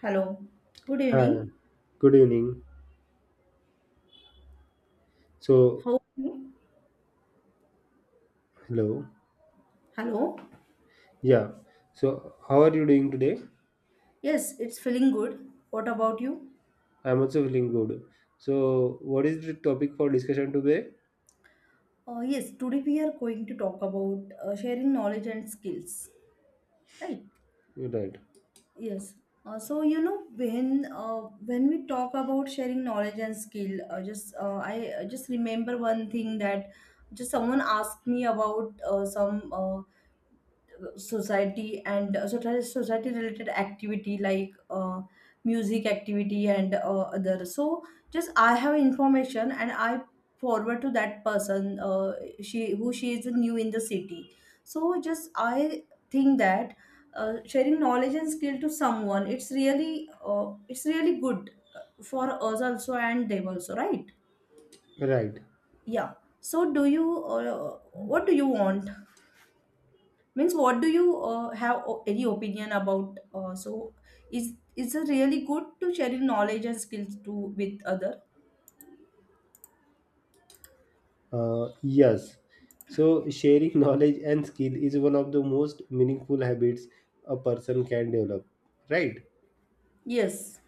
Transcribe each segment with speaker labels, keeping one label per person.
Speaker 1: Hello. Good
Speaker 2: Hi,
Speaker 1: evening.
Speaker 2: good evening. So,
Speaker 1: How are you?
Speaker 2: hello.
Speaker 1: Hello.
Speaker 2: Yeah. So, how are you doing today?
Speaker 1: Yes, it's feeling good. What about you?
Speaker 2: I'm also feeling good. So, what is the topic for discussion today?
Speaker 1: Yes, today we are going to talk about sharing knowledge and skills. Right?
Speaker 2: Right.
Speaker 1: Yes. So when we talk about sharing knowledge and skill, just I just remember one thing, that just someone asked me about some society, and society related activity, like music activity and other. So just I have information, and I forward to that person, she who she is new in the city. So just I think that sharing knowledge and skill to someone, it's really good for us also and them also, right?
Speaker 2: Right.
Speaker 1: Yeah. So do you what do you want, means what do you have any opinion about is it really good to sharing knowledge and skills to with other?
Speaker 2: Yes. So, sharing knowledge and skill is one of the most meaningful habits a person can develop. Right.
Speaker 1: Yes,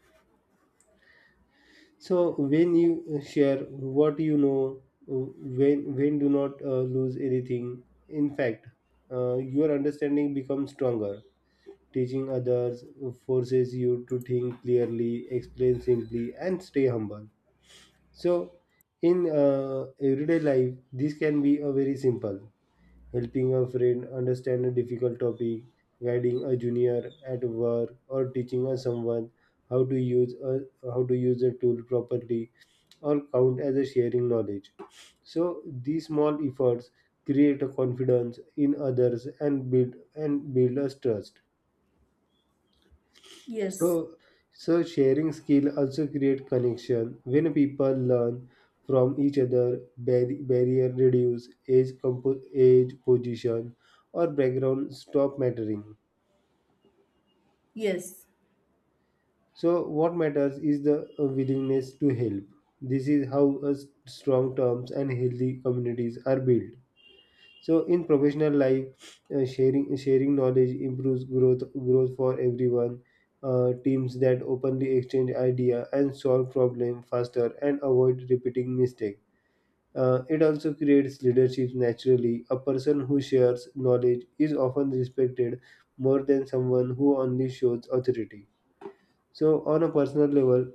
Speaker 2: So, when you share what you know, when do not lose anything. In fact, your understanding becomes stronger. Teaching others forces you to think clearly, explain simply, and stay humble. So, in everyday life, this can be a very simple helping a friend understand a difficult topic, guiding a junior at work, or teaching a someone how to use a how to use a tool properly, or count as a sharing knowledge. So these small efforts create a confidence in others and build us trust.
Speaker 1: yes,
Speaker 2: So, so, sharing skill also create connection. When people learn from each other, barrier reduce, age, position, or background stop mattering.
Speaker 1: yes.
Speaker 2: So, what matters is the willingness to help. This is how a strong terms and healthy communities are built. So in professional life, sharing sharing knowledge improves growth for everyone. Teams that openly exchange idea and solve problem faster and avoid repeating mistake. It also creates leadership naturally. A person who shares knowledge is often respected more than someone who only shows authority. So, on a personal level,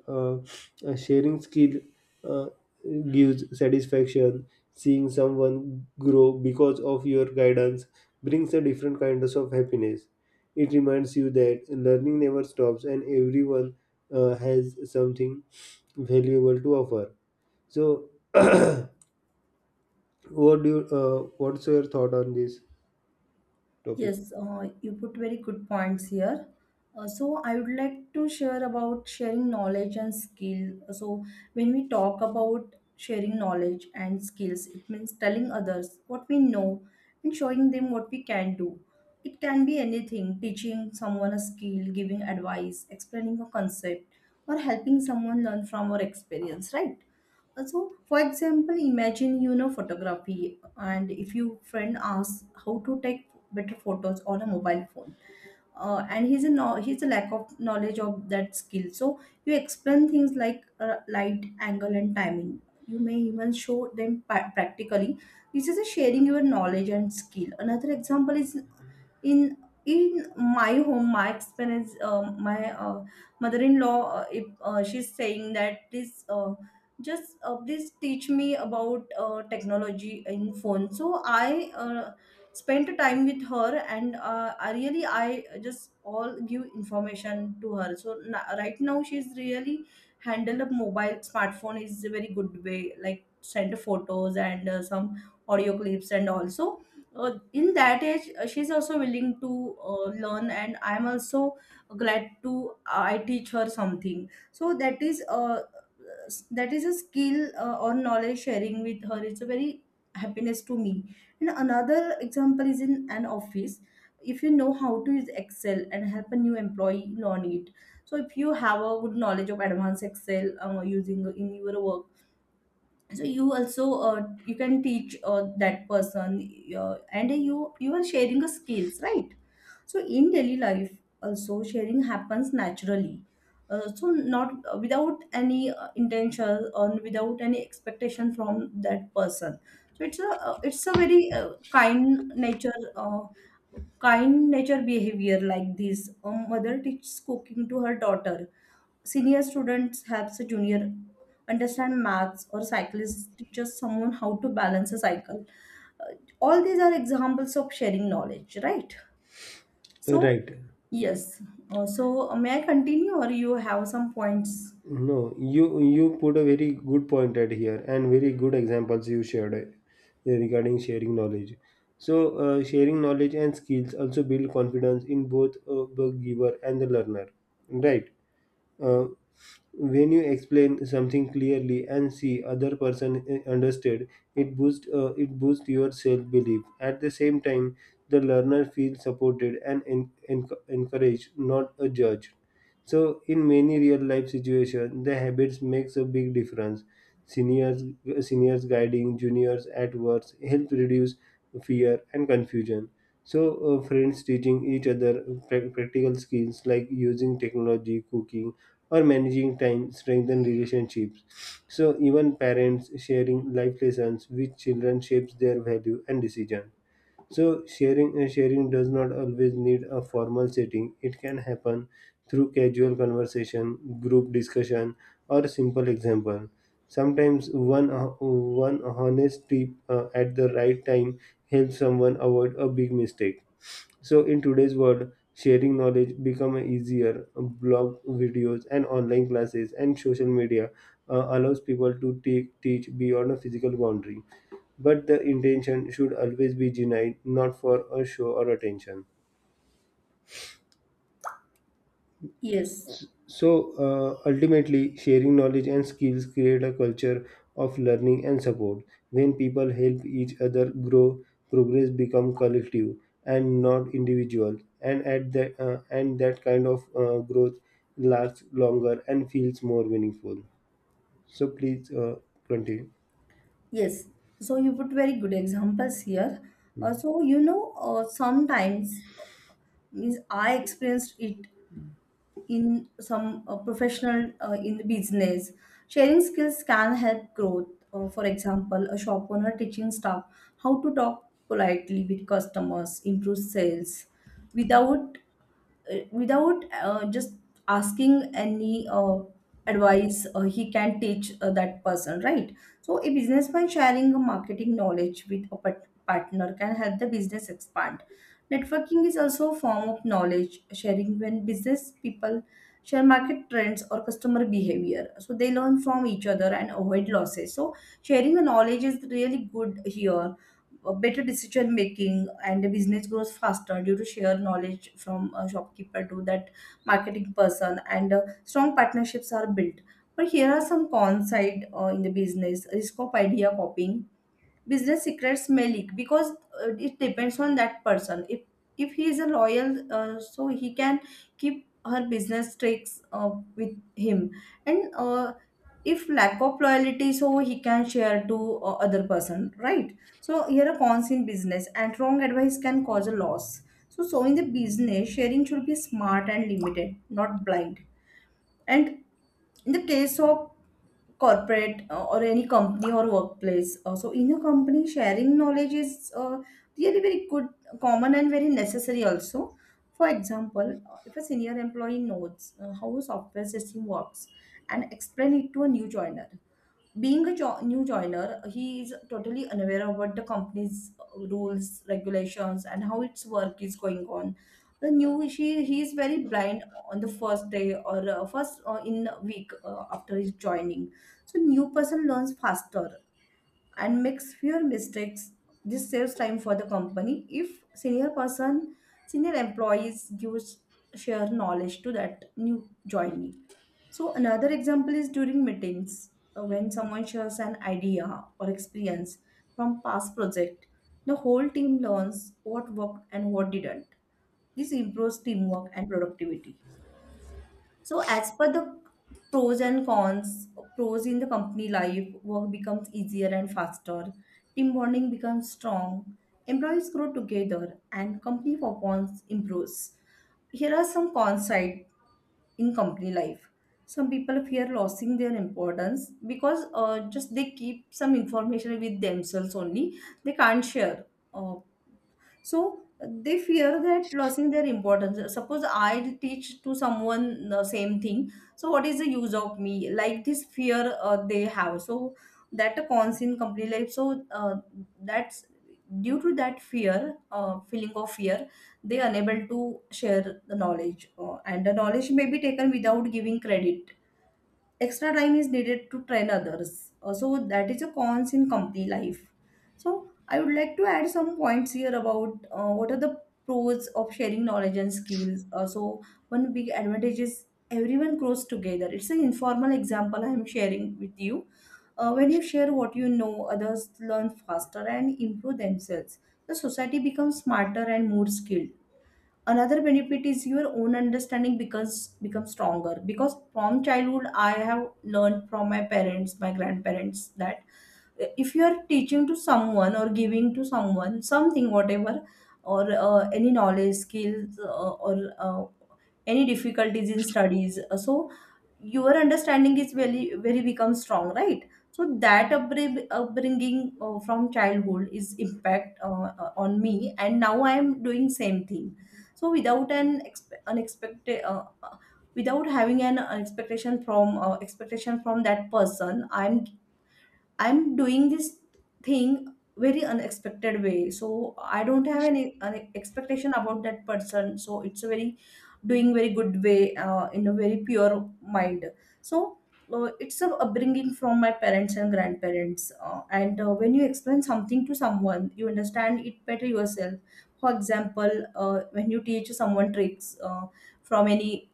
Speaker 2: a sharing skill uh, gives satisfaction. Seeing someone grow because of your guidance brings a different kind of happiness. It reminds you that learning never stops and everyone has something valuable to offer. So, what do you, what's your thought on this topic?
Speaker 1: Yes, you put very good points here. So I would like to share about sharing knowledge and skill. So when we talk about sharing knowledge and skills, it means telling others what we know and showing them what we can do. It can be anything, teaching someone a skill, giving advice, explaining a concept, or helping someone learn from our experience, right? So, for example, imagine you know photography, and if your friend asks how to take better photos on a mobile phone, and he's a no, he's a lack of knowledge of that skill. So you explain things like light, angle, and timing. You may even show them practically. This is a sharing your knowledge and skill. Another example is in in my home, my experience. My mother-in-law, if she's saying that, please just please teach me about technology in phone. So I spent time with her, and I really I just all give information to her. So right now she's really handled a mobile smartphone is a very good way, like send photos and some audio clips, and also in that age she's also willing to learn, and I'm also glad to I teach her something. So that is that is a skill, or knowledge sharing with her. It's a very happiness to me. And another example is in an office, if you know how to use Excel and help a new employee learn it. So if you have a good knowledge of advanced Excel, using in your work, so you also you can teach that person, and you are sharing a skills, right? So in daily life also, sharing happens naturally. So not without any intention, or without any expectation from that person. So it's a very kind nature behavior. Like this, a mother teaches cooking to her daughter. Senior students helps a junior understand maths, or cyclist teaches someone how to balance a cycle. Uh, all these are examples of sharing knowledge, right? So,
Speaker 2: Right.
Speaker 1: yes. May I continue, or you have some points?
Speaker 2: No, you put a very good point at here and very good examples you shared regarding sharing knowledge. So sharing knowledge and skills also build confidence in both the giver and the learner, right? Uh, when you explain something clearly and see other person understood, it boosts your self belief. At the same time, the learner feels supported and encouraged, not judged. So in many real life situations, the habits makes a big difference. Seniors, seniors guiding juniors at work help reduce fear and confusion. So friends teaching each other practical skills like using technology, cooking, or managing time strengthen relationships. So even parents sharing life lessons with children shapes their value and decision. So sharing does not always need a formal setting. It can happen through casual conversation, group discussion, or simple example. Sometimes one honest tip at the right time helps someone avoid a big mistake. So in today's world, sharing knowledge become easier. Blog videos and online classes and social media allows people to teach beyond a physical boundary. But the intention should always be genuine, not for a show or attention.
Speaker 1: Yes,
Speaker 2: So ultimately, sharing knowledge and skills create a culture of learning and support. When people help each other grow, progress become collective and not individual. And that kind of growth lasts longer and feels more meaningful. So please, continue.
Speaker 1: yes. So you put very good examples here. Sometimes, means I experienced it in some professional, in the business. Sharing skills can help growth. For example, a shop owner teaching staff how to talk politely with customers, improve sales without without just asking any advice. He can teach that person, right? So a businessman sharing a marketing knowledge with a partner can help the business expand. Networking is also a form of knowledge sharing. When business people share market trends or customer behavior, so they learn from each other and avoid losses. So sharing the knowledge is really good here, a better decision making, and the business grows faster due to shared knowledge from a shopkeeper to that marketing person, and strong partnerships are built. But here are some cons side in the business. Risk of idea copying, business secrets may leak, because it depends on that person. If he is a loyal, so he can keep her business tricks with him. And if lack of loyalty, so he can share to other person, right? So here are cons in business, and wrong advice can cause a loss. So in the business, sharing should be smart and limited, not blind. And in the case of corporate, or any company or workplace, so in a company, sharing knowledge is really very good, common, and very necessary also. For example, if a senior employee knows how a software system works and explain it to a new joiner, being a new joiner, he is totally unaware of what the company's rules, regulations, and how its work is going on. The new she he is very blind on the first day, or first in a week, after his joining. So new person learns faster and makes fewer mistakes. This saves time for the company. If senior person, senior employees gives share knowledge to that new joinee. So another example is during meetings, when someone shares an idea or experience from past project, the whole team learns what worked and what didn't. This improves teamwork and productivity. So, as per the pros and cons, pros in the company life, work becomes easier and faster, team bonding becomes strong, employees grow together, and company performance improves. Here are some cons side in company life. Some people fear losing their importance, because just they keep some information with themselves only. They can't share. Uh, so they fear that losing their importance. Suppose I teach to someone the same thing, so what is the use of me? Like this fear they have. So that a cons in company life. So that's due to that fear, feeling of fear, they unable to share the knowledge, and the knowledge may be taken without giving credit. Extra time is needed to train others. So that is a cons in company life. So I would like to add some points here about what are the pros of sharing knowledge and skills. So one big advantage is everyone grows together. It's an informal example I am sharing with you. When you share what you know, others learn faster and improve themselves. The society becomes smarter and more skilled. Another benefit is your own understanding because becomes stronger, because from childhood I have learned from my parents, my grandparents, that if you are teaching to someone, or giving to someone something, whatever, or any knowledge skills, or any difficulties in studies. So your understanding is very very becomes strong, right? So that upbringing from childhood is impact on me, and now I am doing same thing. So without an unexpected, without having an expectation from that person, I'm doing this thing very unexpected way. So I don't have any expectation about that person. So it's a very doing very good way in a very pure mind. So it's a upbringing from my parents and grandparents. And when you explain something to someone, you understand it better yourself. For example, when you teach someone tricks from any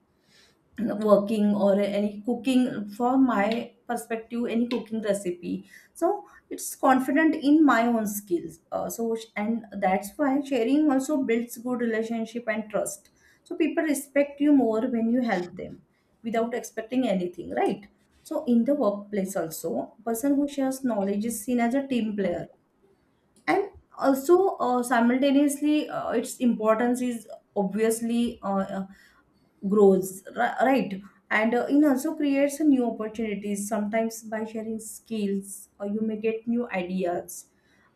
Speaker 1: working or any cooking, from my perspective, any cooking recipe. So it's confident in my own skills, and that's why sharing also builds good relationship and trust. So people respect you more when you help them without expecting anything, right? So in the workplace also, person who shares knowledge is seen as a team player. And also, simultaneously, its importance is obviously grows, right. And it also creates new opportunities. Sometimes by sharing skills, or you may get new ideas,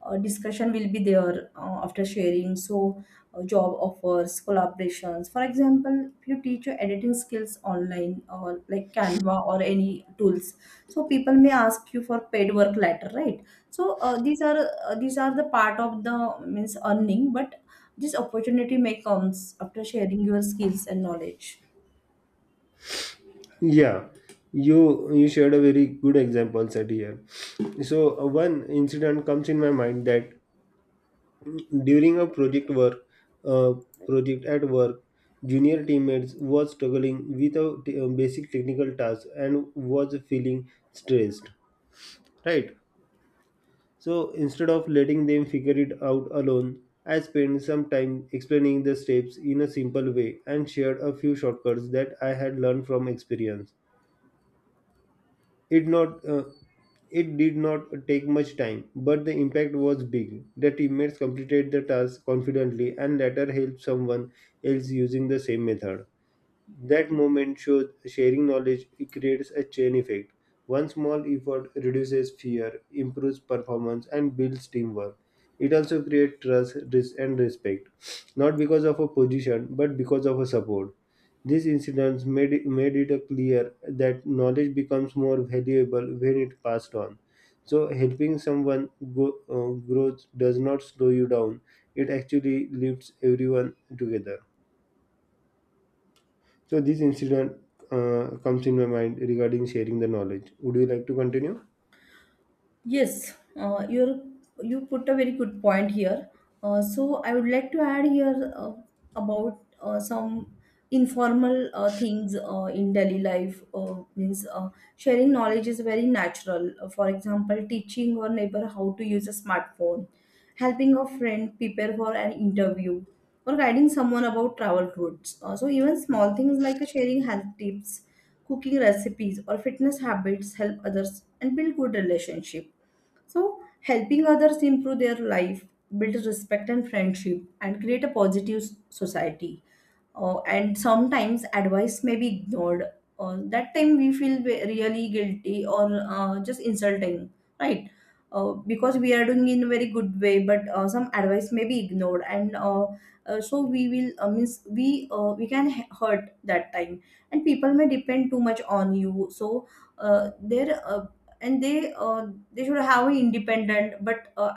Speaker 1: discussion will be there after sharing. So job offers, collaborations, for example, if you teach your editing skills online, or like Canva or any tools, so people may ask you for paid work later, right? So these are the part of the means earning, but this opportunity may comes after sharing your skills and knowledge.
Speaker 2: Yeah, you shared a very good example set here. So one incident comes in my mind that during a project work, uh, project at work, junior teammates was struggling with a a basic technical task and was feeling stressed. Right. So instead of letting them figure it out alone, I spent some time explaining the steps in a simple way and shared a few shortcuts that I had learned from experience. It not uh, it did not take much time, but the impact was big. The teammates completed the task confidently and later helped someone else using the same method. That moment shows sharing knowledge creates a chain effect. One small effort reduces fear, improves performance, and builds teamwork. It also creates trust, and respect, not because of a position, but because of a support. These incidents made it a clear that knowledge becomes more valuable when it passed on. So, helping someone growth does not slow you down, it actually lifts everyone together. So this incident comes in my mind regarding sharing the knowledge. Would you like to continue?
Speaker 1: Yes, you put a very good point here. So I would like to add here about some informal things in daily life. Means sharing knowledge is very natural. For example, teaching your neighbor how to use a smartphone, helping a friend prepare for an interview, or guiding someone about travel routes. So even small things like sharing health tips, cooking recipes, or fitness habits help others and build good relationship. So helping others improve their life, build respect and friendship, and create a positive society. And sometimes advice may be ignored. That time we feel really guilty or just insulting, right? Because we are doing in a very good way, but some advice may be ignored, and so we will means we can hurt that time, and people may depend too much on you. So there and they should have an independent, but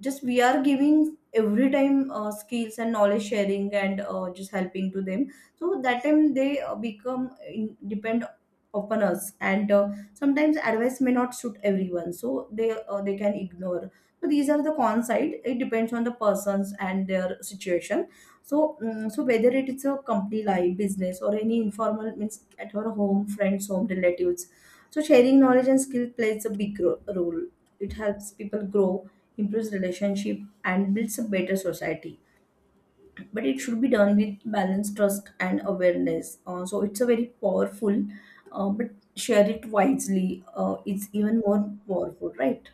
Speaker 1: just we are giving every time skills and knowledge sharing, and just helping to them. So that time they become in, depend upon us. And sometimes advice may not suit everyone, so they can ignore. So these are the con side. It depends on the persons and their situation. So so whether it is a company life, business, or any informal means, at our home, friends home, relatives, so sharing knowledge and skill plays a big role. It helps people grow, improves relationship, and builds a better society, but it should be done with balance, trust, and awareness. So it's a very powerful, but share it wisely, it's even more powerful, right?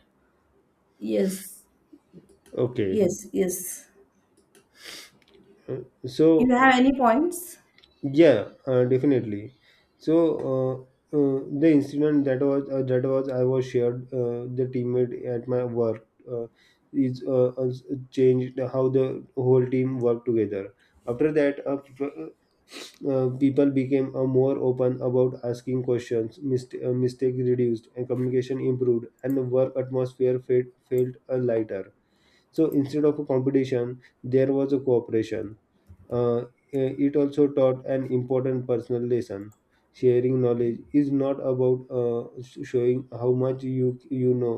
Speaker 1: Yes,
Speaker 2: Okay.
Speaker 1: yes, yes.
Speaker 2: Uh,
Speaker 1: You
Speaker 2: So.
Speaker 1: have any points?
Speaker 2: Yeah, definitely. So the incident that was I was shared the teammate at my work is changed how the whole team worked together. After that, people became more open about asking questions. Mistakes reduced and communication improved, and the work atmosphere felt lighter. So instead of a competition, there was a cooperation. Uh, it also taught an important personal lesson. Sharing knowledge is not about showing how much you know.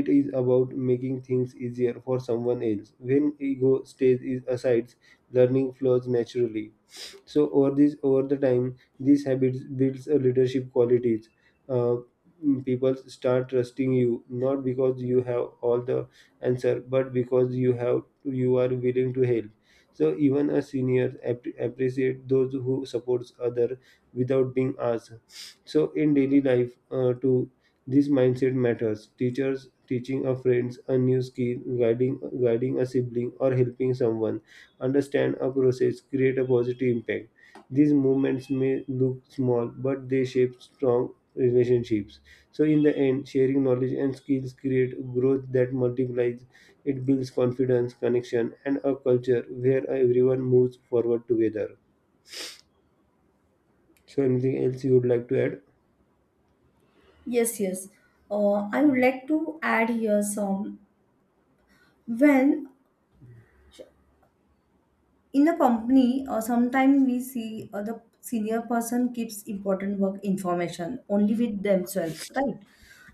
Speaker 2: It is about making things easier for someone else. When ego stays is aside, learning flows naturally. So over this over the time, these habits builds a leadership qualities. uh, People start trusting you not because you have all the answer, but because you are willing to help. So even a senior appreciate those who supports other without being asked. So in daily life too, this mindset matters. Teachers teaching a friends a new skill, guiding a sibling, or helping someone understand a process, create a positive impact. These movements may look small, but they shape strong relationships. So, in the end, sharing knowledge and skills create growth that multiplies. It builds confidence, connection, and a culture where everyone moves forward together. So, anything else you would like to add?
Speaker 1: Yes, yes. I would like to add here some, when, in a company, sometimes we see the senior person keeps important work information only with themselves, right?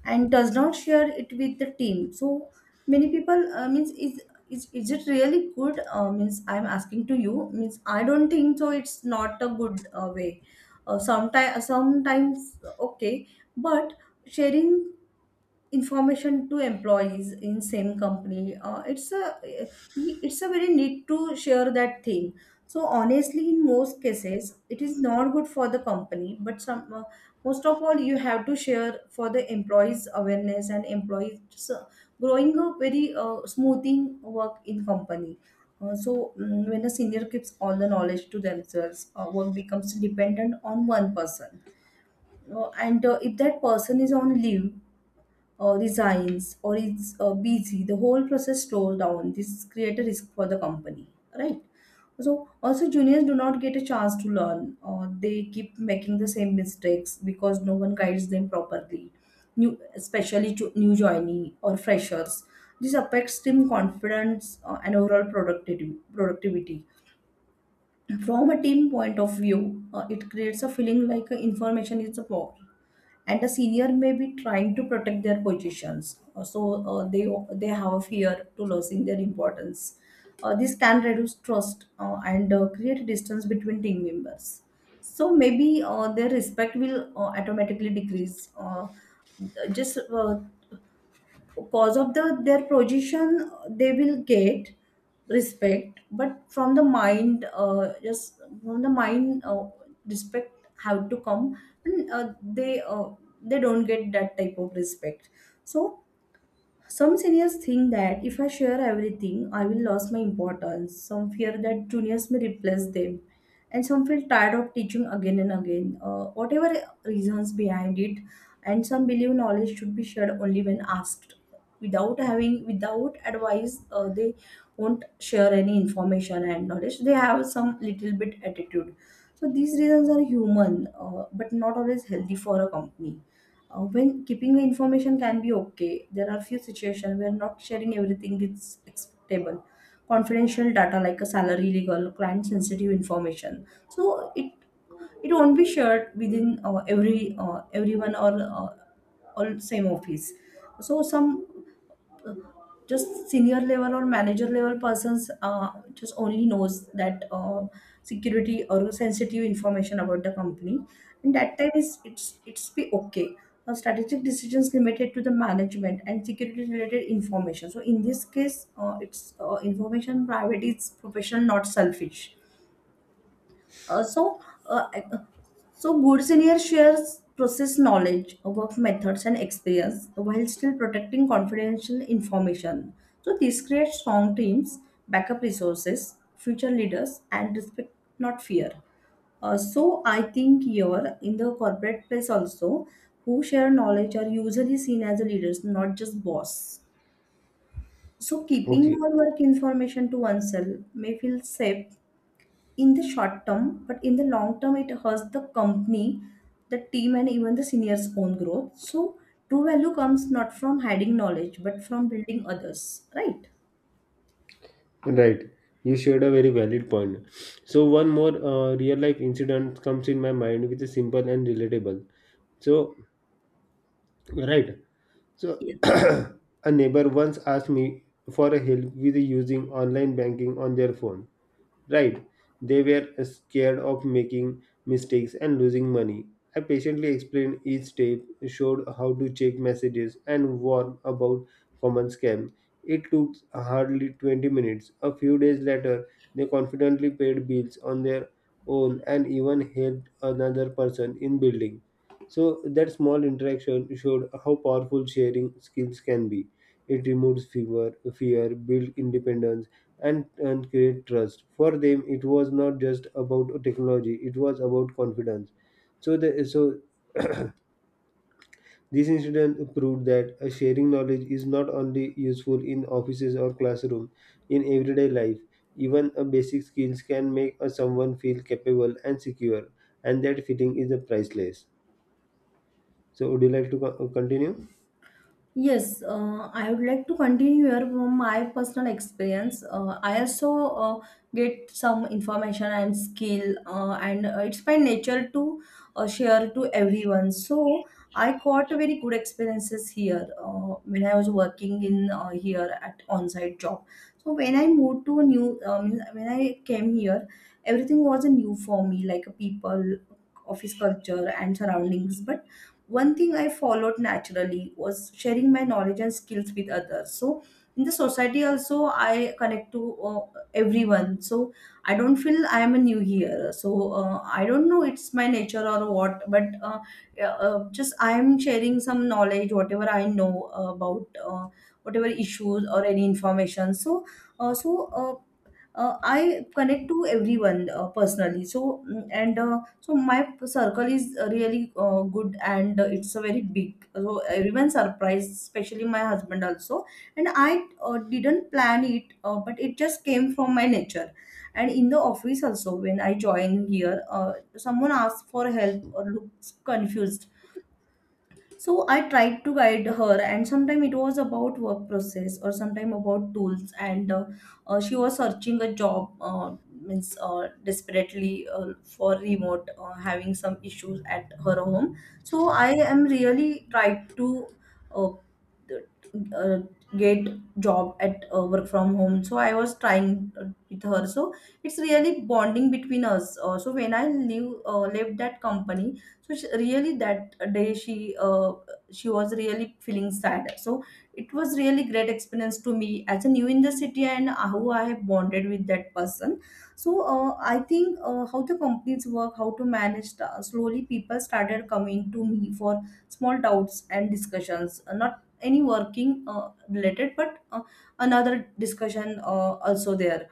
Speaker 1: And does not share it with the team. So many people, means, is it really good? Means I'm asking to you, means I don't think so, it's not a good way. Sometimes. Okay. But sharing information to employees in same company, it's a very need to share that thing. So honestly, in most cases it is not good for the company, but some most of all you have to share for the employees awareness and employees growing, a very smoothing work in company. When a senior keeps all the knowledge to themselves, work becomes dependent on one person. And if that person is on leave, resigns, or is busy, the whole process slows down. This creates a risk for the company, right? So also juniors do not get a chance to learn. They keep making the same mistakes because no one guides them properly. New, especially to new joinee or freshers. This affects team confidence and overall productivity. Productivity. From a team point of view, it creates a feeling like information is a power, and the senior may be trying to protect their positions. They have a fear to losing their importance. This can reduce trust and create distance between team members. So maybe their respect will automatically decrease. Just Because of the their position they will get respect, but from the mind, just from the mind, respect have to come. And they They don't get that type of respect. So some seniors think that if I share everything, I will lose my importance. Some fear that juniors may replace them. And some feel tired of teaching again and again, whatever reasons behind it. And some believe knowledge should be shared only when asked. Without advice, they won't share any information and knowledge. They have some little bit attitude. So these reasons are human, but not always healthy for a company. When keeping the information can be okay, there are few situations where not sharing everything is acceptable. Confidential data like a salary, legal, client sensitive information. So it won't be shared within everyone or all same office. So some uh, just senior level or manager level persons just only knows that security or sensitive information about the company, and that time is it's be okay. Strategic decisions limited to the management and security related information. So in this case, it's information private is professional, not selfish. Uh, so, uh, so good senior shares process knowledge, work methods, and experience while still protecting confidential information. So this creates strong teams, backup resources, future leaders, and respect, not fear. So I think here in the corporate place also, who share knowledge are usually seen as leaders, not just boss. So keeping
Speaker 2: Okay,
Speaker 1: all work information to oneself may feel safe in the short term, but in the long term, it hurts the company, the team, and even the seniors' own growth. So true value comes not from hiding knowledge, but from building others, right?
Speaker 2: right. You shared a very valid point. So, one more real life incident comes in my mind, which is simple and relatable. So, right. So
Speaker 1: Yes.
Speaker 2: a neighbor once asked me for a help with using online banking on their phone. Right, they were scared of making mistakes and losing money. I patiently explained each step, showed how to check messages, and warned about common scam. It took hardly 20 minutes. A few days later, they confidently paid bills on their own and even helped another person in building. So that small interaction showed how powerful sharing skills can be. It removes fever, fear, builds independence, and create trust. For them, it was not just about technology; it was about confidence. So this incident proved that sharing knowledge is not only useful in offices or classroom, in everyday life. Even a basic skills can make a someone feel capable and secure, and that feeling is a priceless. So, would you like to continue?
Speaker 1: Yes, I would like to continue here from my personal experience. I also get some information and skill, and it's my nature to share to everyone. So I got very good experiences here when I was working in here at on-site job. So when I moved to a new, when I came here, everything was new for me, like people, office culture, and surroundings. But one thing I followed naturally was sharing my knowledge and skills with others. So in the society also I connect to everyone. So I don't feel I am a new here. So I don't know, it's my nature or what, but just I am sharing some knowledge whatever I know about, whatever issues or any information. Uh, so uh, I connect to everyone personally. So mm, and so my circle is really good and it's a very big. So everyone surprised, especially my husband also. And I didn't plan it, but it just came from my nature. And in the office also, when I joined here, someone asked for help or looks confused, so I tried to guide her. And sometime it was about work process or sometime about tools. And She was searching a job, means desperately, for remote, having some issues at her home. So I am really tried to uh, uh, get job at work from home. So I was trying with her. So it's really bonding between us. So when I leave, left that company, so she, really that day she, she was really feeling sad. So it was really great experience to me as a new in the city, and how I have bonded with that person. So I think how the companies work, how to manage the, slowly people started coming to me for small doubts and discussions. Not any working related, but another discussion also there.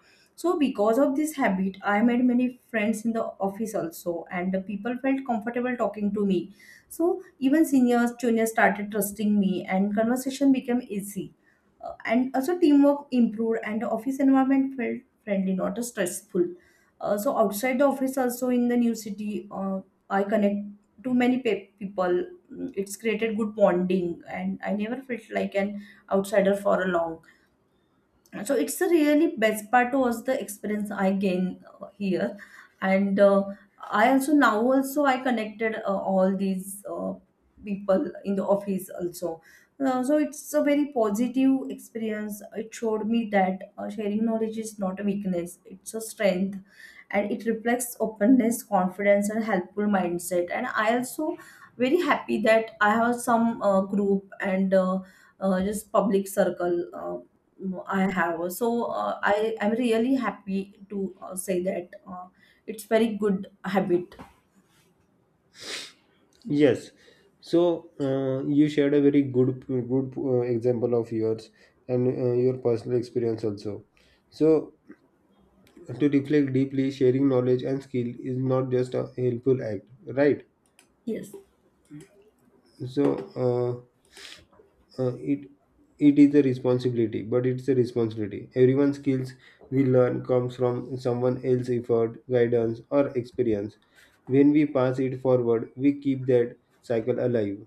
Speaker 1: So because of this habit, I made many friends in the office also, and the people felt comfortable talking to me. So even seniors, juniors started trusting me, and conversation became easy. And also teamwork improved, and the office environment felt friendly, not stressful. So outside the office, also in the new city, I connect to many people. Mm, it's created good bonding, and I never felt like an outsider for a long. So it's a really best part was the experience I gained here. And I also Now also I connected all these people in the office also. So it's a very positive experience. It showed me that sharing knowledge is not a weakness, it's a strength, and it reflects openness, confidence, and helpful mindset. And I also very happy that I have some group and just public circle I have. So I am really happy to say that it's very good habit.
Speaker 2: Yes. So you shared a very good good example of yours and your personal experience also. So to reflect deeply, sharing knowledge and skill is not just a helpful act, right?
Speaker 1: Yes,
Speaker 2: So it it is a responsibility, but it's a responsibility. Everyone's skills we learn comes from someone else's effort, guidance, or experience. When we pass it forward, we keep that cycle alive.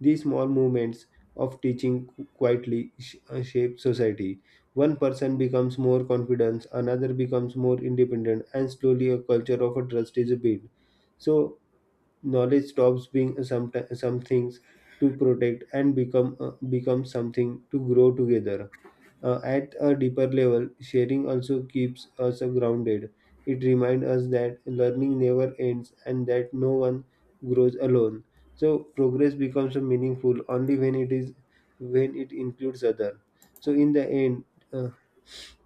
Speaker 2: These small movements of teaching quietly shape society. One person becomes more confident, another becomes more independent, and slowly a culture of a trust is built. So knowledge stops being some things to protect and become something to grow together. At a deeper level, sharing also keeps us grounded. It reminds us that learning never ends and that no one grows alone. So progress becomes meaningful only when it includes other. So in the end,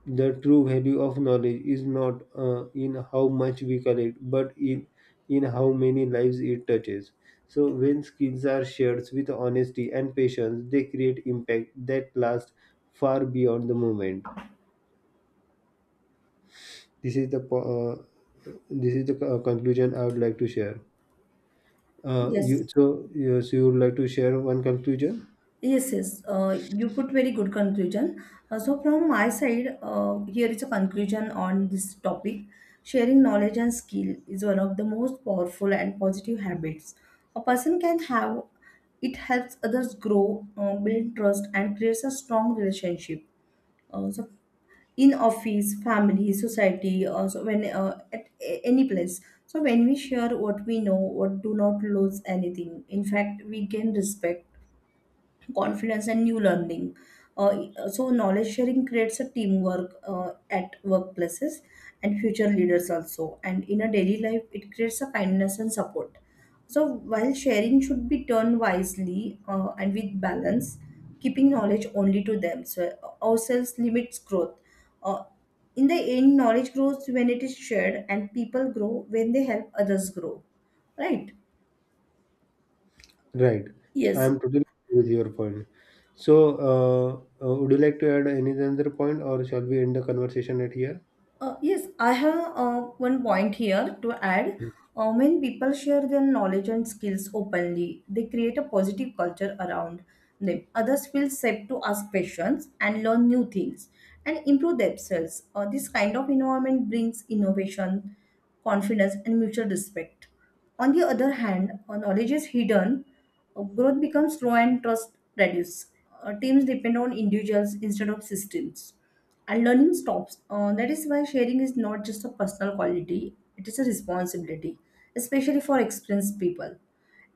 Speaker 2: the true value of knowledge is not in how much we collect, but in how many lives it touches. So when skills are shared with honesty and patience, they create impact that lasts far beyond the moment. This is the po- uh, this is the conclusion I would like to share. Uh,
Speaker 1: yes.
Speaker 2: you so you, so you would like to share one conclusion,
Speaker 1: Yes, yes. You put very good conclusion. So from my side, here is a conclusion on this topic. Sharing knowledge and skill is one of the most powerful and positive habits a person can have. It helps others grow, build trust, and creates a strong relationship. So in office, family, society, so when at any place. So when we share what we know, what do not lose anything. In fact, we gain respect, confidence, and new learning. Uh, so knowledge sharing creates a teamwork at workplaces and future leaders also. And in a daily life, it creates a kindness and support. So while sharing should be done wisely and with balance, keeping knowledge only to them, so ourselves limits growth. Uh, in the end, knowledge grows when it is shared, and people grow when they help others grow. Right?
Speaker 2: right? I
Speaker 1: Yes.
Speaker 2: am totally agree with your point. So, uh, would you like to add any other point, or shall we end the conversation at here?
Speaker 1: Yes, I have one point here to add. When people share their knowledge and skills openly, they create a positive culture around them. Others feel safe to ask questions and learn new things and improve themselves. This kind of environment brings innovation, confidence, and mutual respect. On the other hand, knowledge is hidden, growth becomes slow and trust reduces. Teams depend on individuals instead of systems. And learning stops. That is why sharing is not just a personal quality, it is a responsibility, especially for experienced people.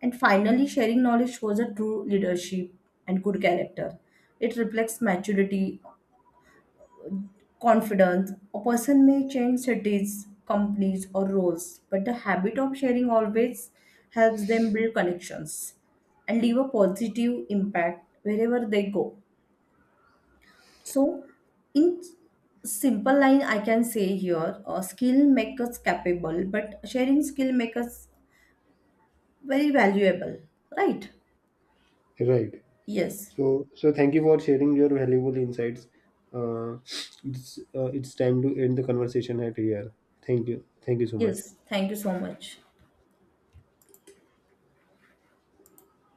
Speaker 1: And finally, sharing knowledge shows a true leadership and good character. It reflects maturity, confidence. A person may change cities, companies, or roles, but the habit of sharing always helps them build connections and leave a positive impact wherever they go. So, in simple line, I can say here, skill make us capable, but sharing skill make us very valuable, right?
Speaker 2: Right.
Speaker 1: Yes,
Speaker 2: So, so thank you for sharing your valuable insights. Uh, it's time to end the conversation at here. Thank you. Thank you so much.
Speaker 1: yes. Thank you so much.